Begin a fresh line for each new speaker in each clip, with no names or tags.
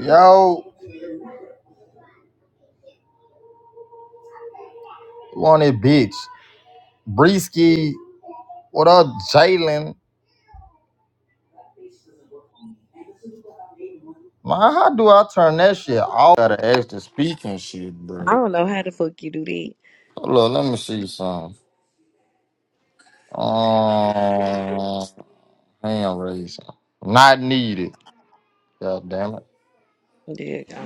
Yo, want it, bitch. Breeski, what up, Jalen? Man, how do I turn that shit off? Got an extra speaking shit,
I
bro.
don't know how the fuck you do that.
Hold on, let me see some. Um, hand raising. Not needed. God damn it.
There you go.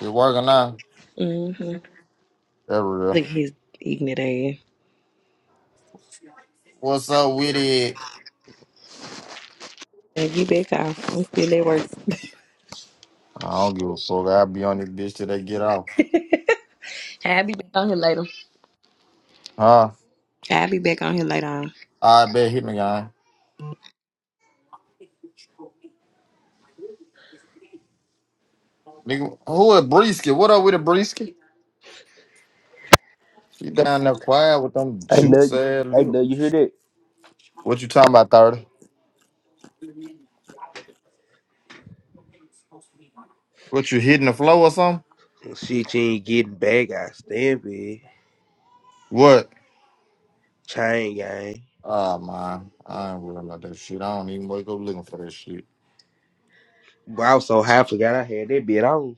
It working now?
Mm-hmm.
There we go.
Look at his ignorant ass.
What's up with it?
And you back off. I'm still at work.
I don't give a fuck. I'll be on this bitch till they get off.
I'll be back on here later.
Huh?
I'll be back on here later.
I bet hit me, guy. Nigga, who is Breeski? What up with a Breeski? She down there quiet with them
I know,
juice ass
I
lips.
know you hear that.
What you talking about, thirty? What you hitting the flow or something?
Shit, you ain't getting back. I stand big.
What?
Chain gang.
Ah man, I ain't worried about that shit. I don't even wake up looking for that shit.
But I was so high, I forgot I had that bit on.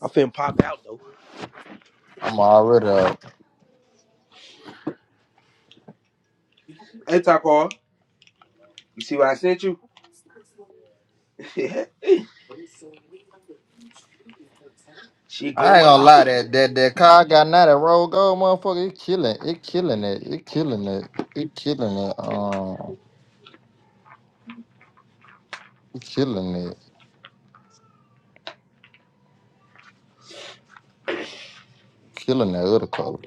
I finna pop out though.
I'm already up.
Hey, Taco, you see what I sent you? she
I ain't
going
gonna
out.
lie, that that that car I got now that road gold motherfucker, it killing, it killing it, it killing it, it killing it, um, it killing it, killing that other color.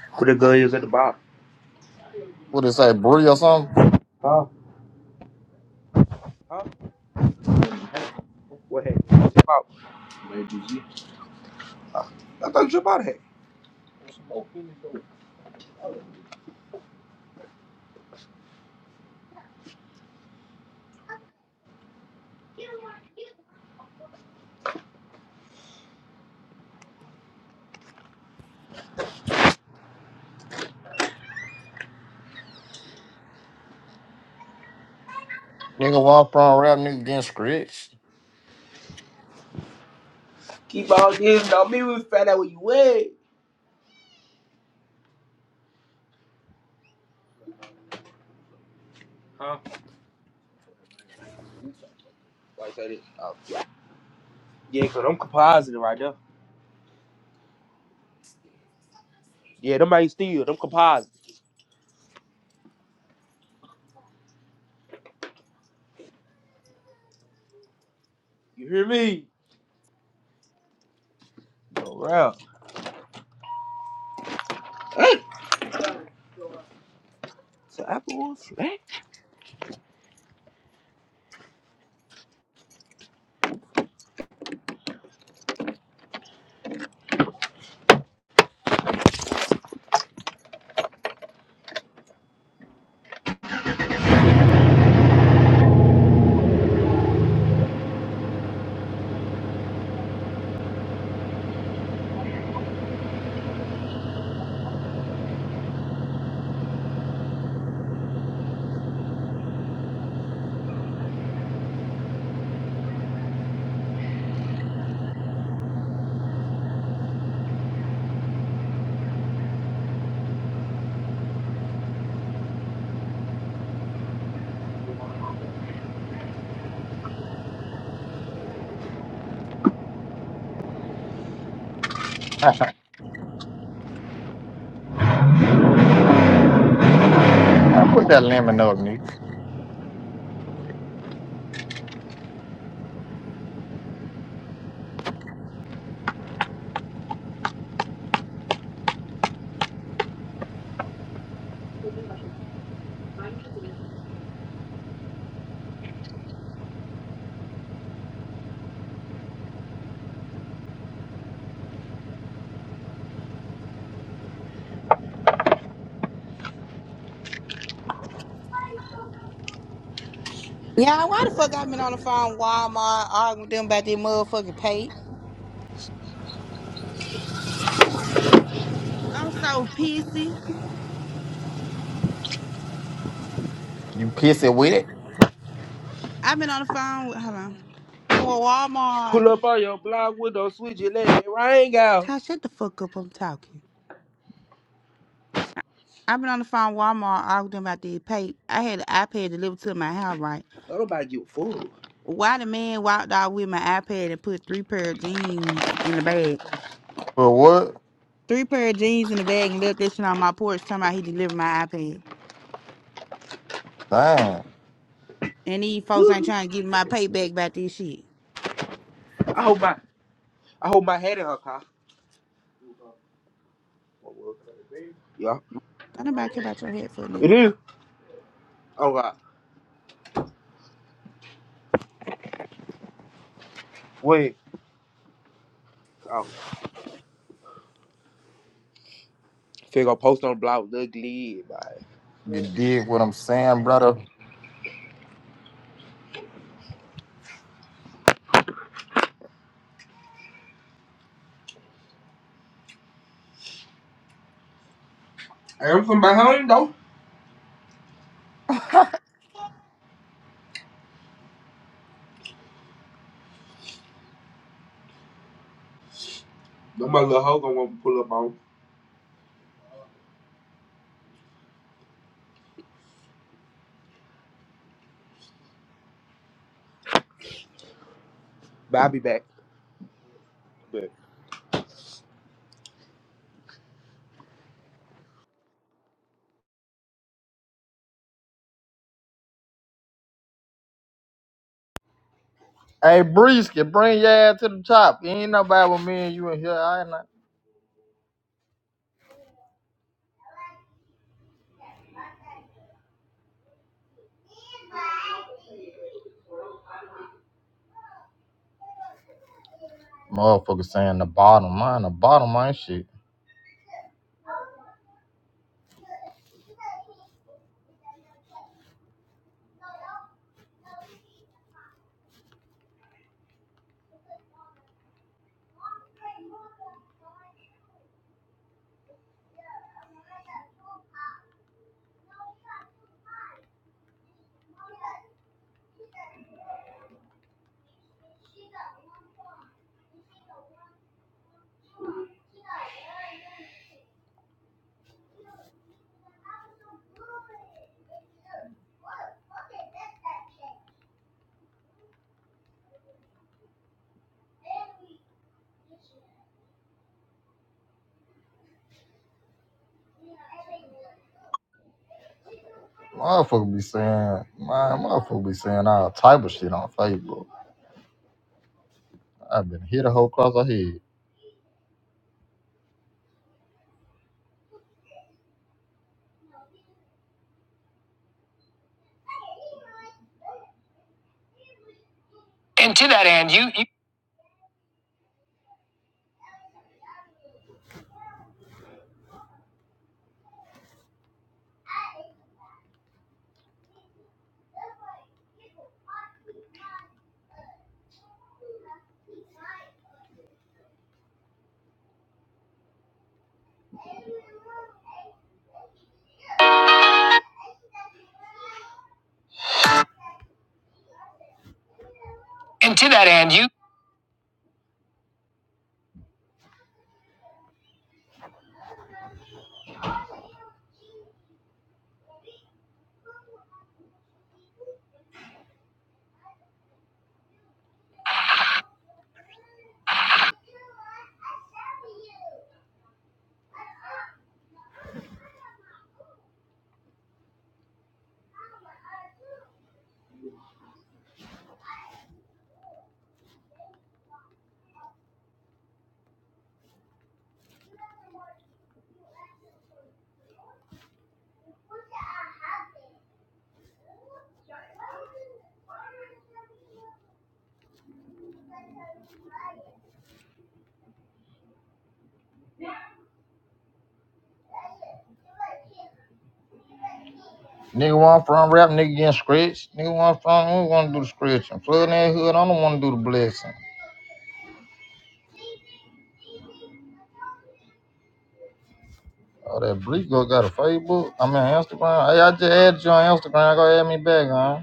Where the gun is at the bottom?
What it say, Bree or something?
Huh? Huh? What happened? Trip out. I thought you trip out of here.
Nigga walk from rap, nigga getting scratched.
Keep all this, dog. Me, we find out what you wear. Huh? Why you say that? Oh. Yeah, cause I'm compositing right now. Yeah, them ain't steal. Them compositing. You hear me? For real. So Applewood flat.
I put that lemon up, nigga.
Yeah, why the fuck I been on the phone with Walmart arguing with them about their motherfucking pay? I'm so pissy.
You pissy with it?
I've been on the phone with hold on. With Walmart.
Pull up on your block window, switch your leg, it rang out.
Ty, shut the fuck up. I'm talking. I've been on the phone with Walmart arguing with them about their pay. I had an iPad delivered to my house, right?
Don't nobody give a fool.
Why the man walked out with my iPad and put three pair of jeans in the bag?
For what?
Three pair of jeans in the bag and left that shit on my porch talking about he delivered my iPad.
Damn.
And these folks ain't trying to give me my payback about this shit.
I hope my I hope my head in her car. Yeah.
Don't nobody care about your head for
It is. Oh god. Wait. Oh. Figure post on the block look lead, bye.
You dig what I'm saying, brother?
I am from behind though. No my little hoe gonna want to pull up on. But I'll be back. But.
Hey, brisket, bring your ass to the top. Ain't nobody with me and you in here. I ain't not. Motherfucker saying the bottom, man, the bottom ain't shit. Motherfucker be saying, man, motherfucker be saying all type of shit on Facebook. I've been hit a whole cross the head. And to that end, you. you- And to that end, you. Nigga want front rap, nigga getting scratched. Nigga want front, I don't want to do the scratching. Flood that hood, I don't want to do the blessing. Oh, that brisket got a Facebook. I mean, Instagram. Hey, I just added you on Instagram. Go add me back, huh?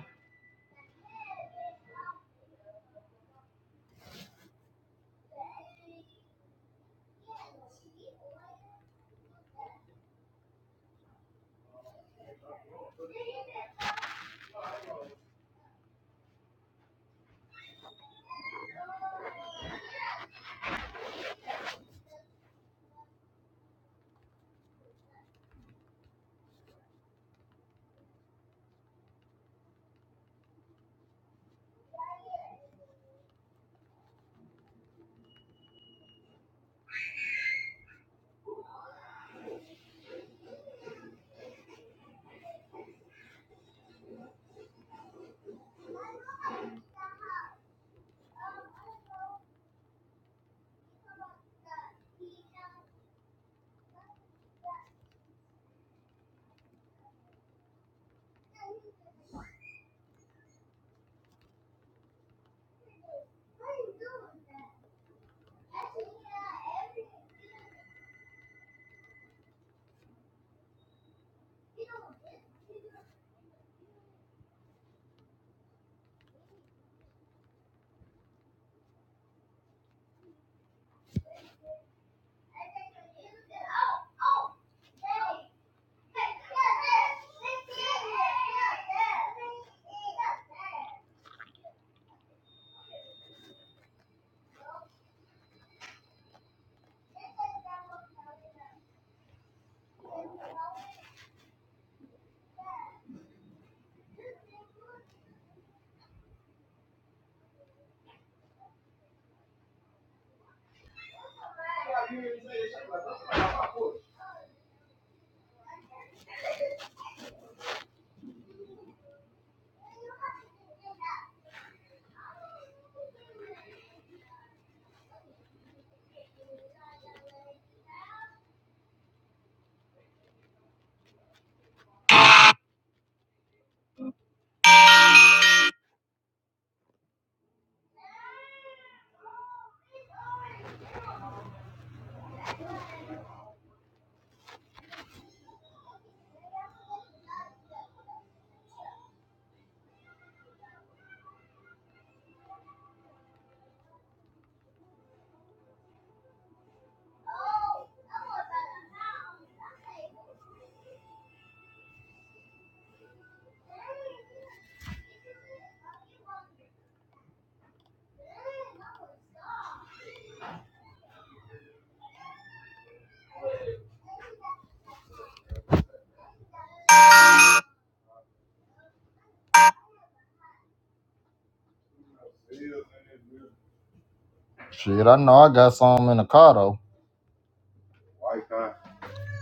Shit, I know I got some in the car though.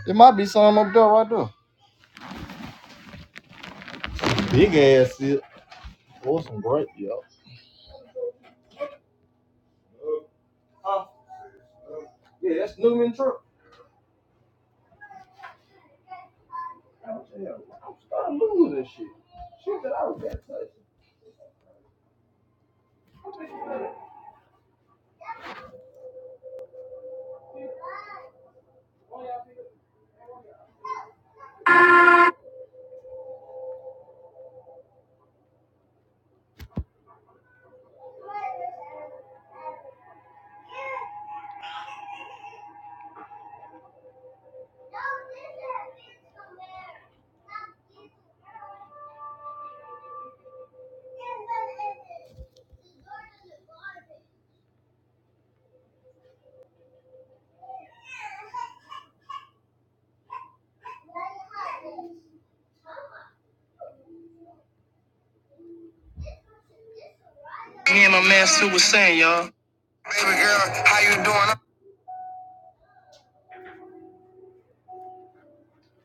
It might be some up there right there. Big ass shit. Or some great, yo.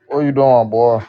What you doing, boy?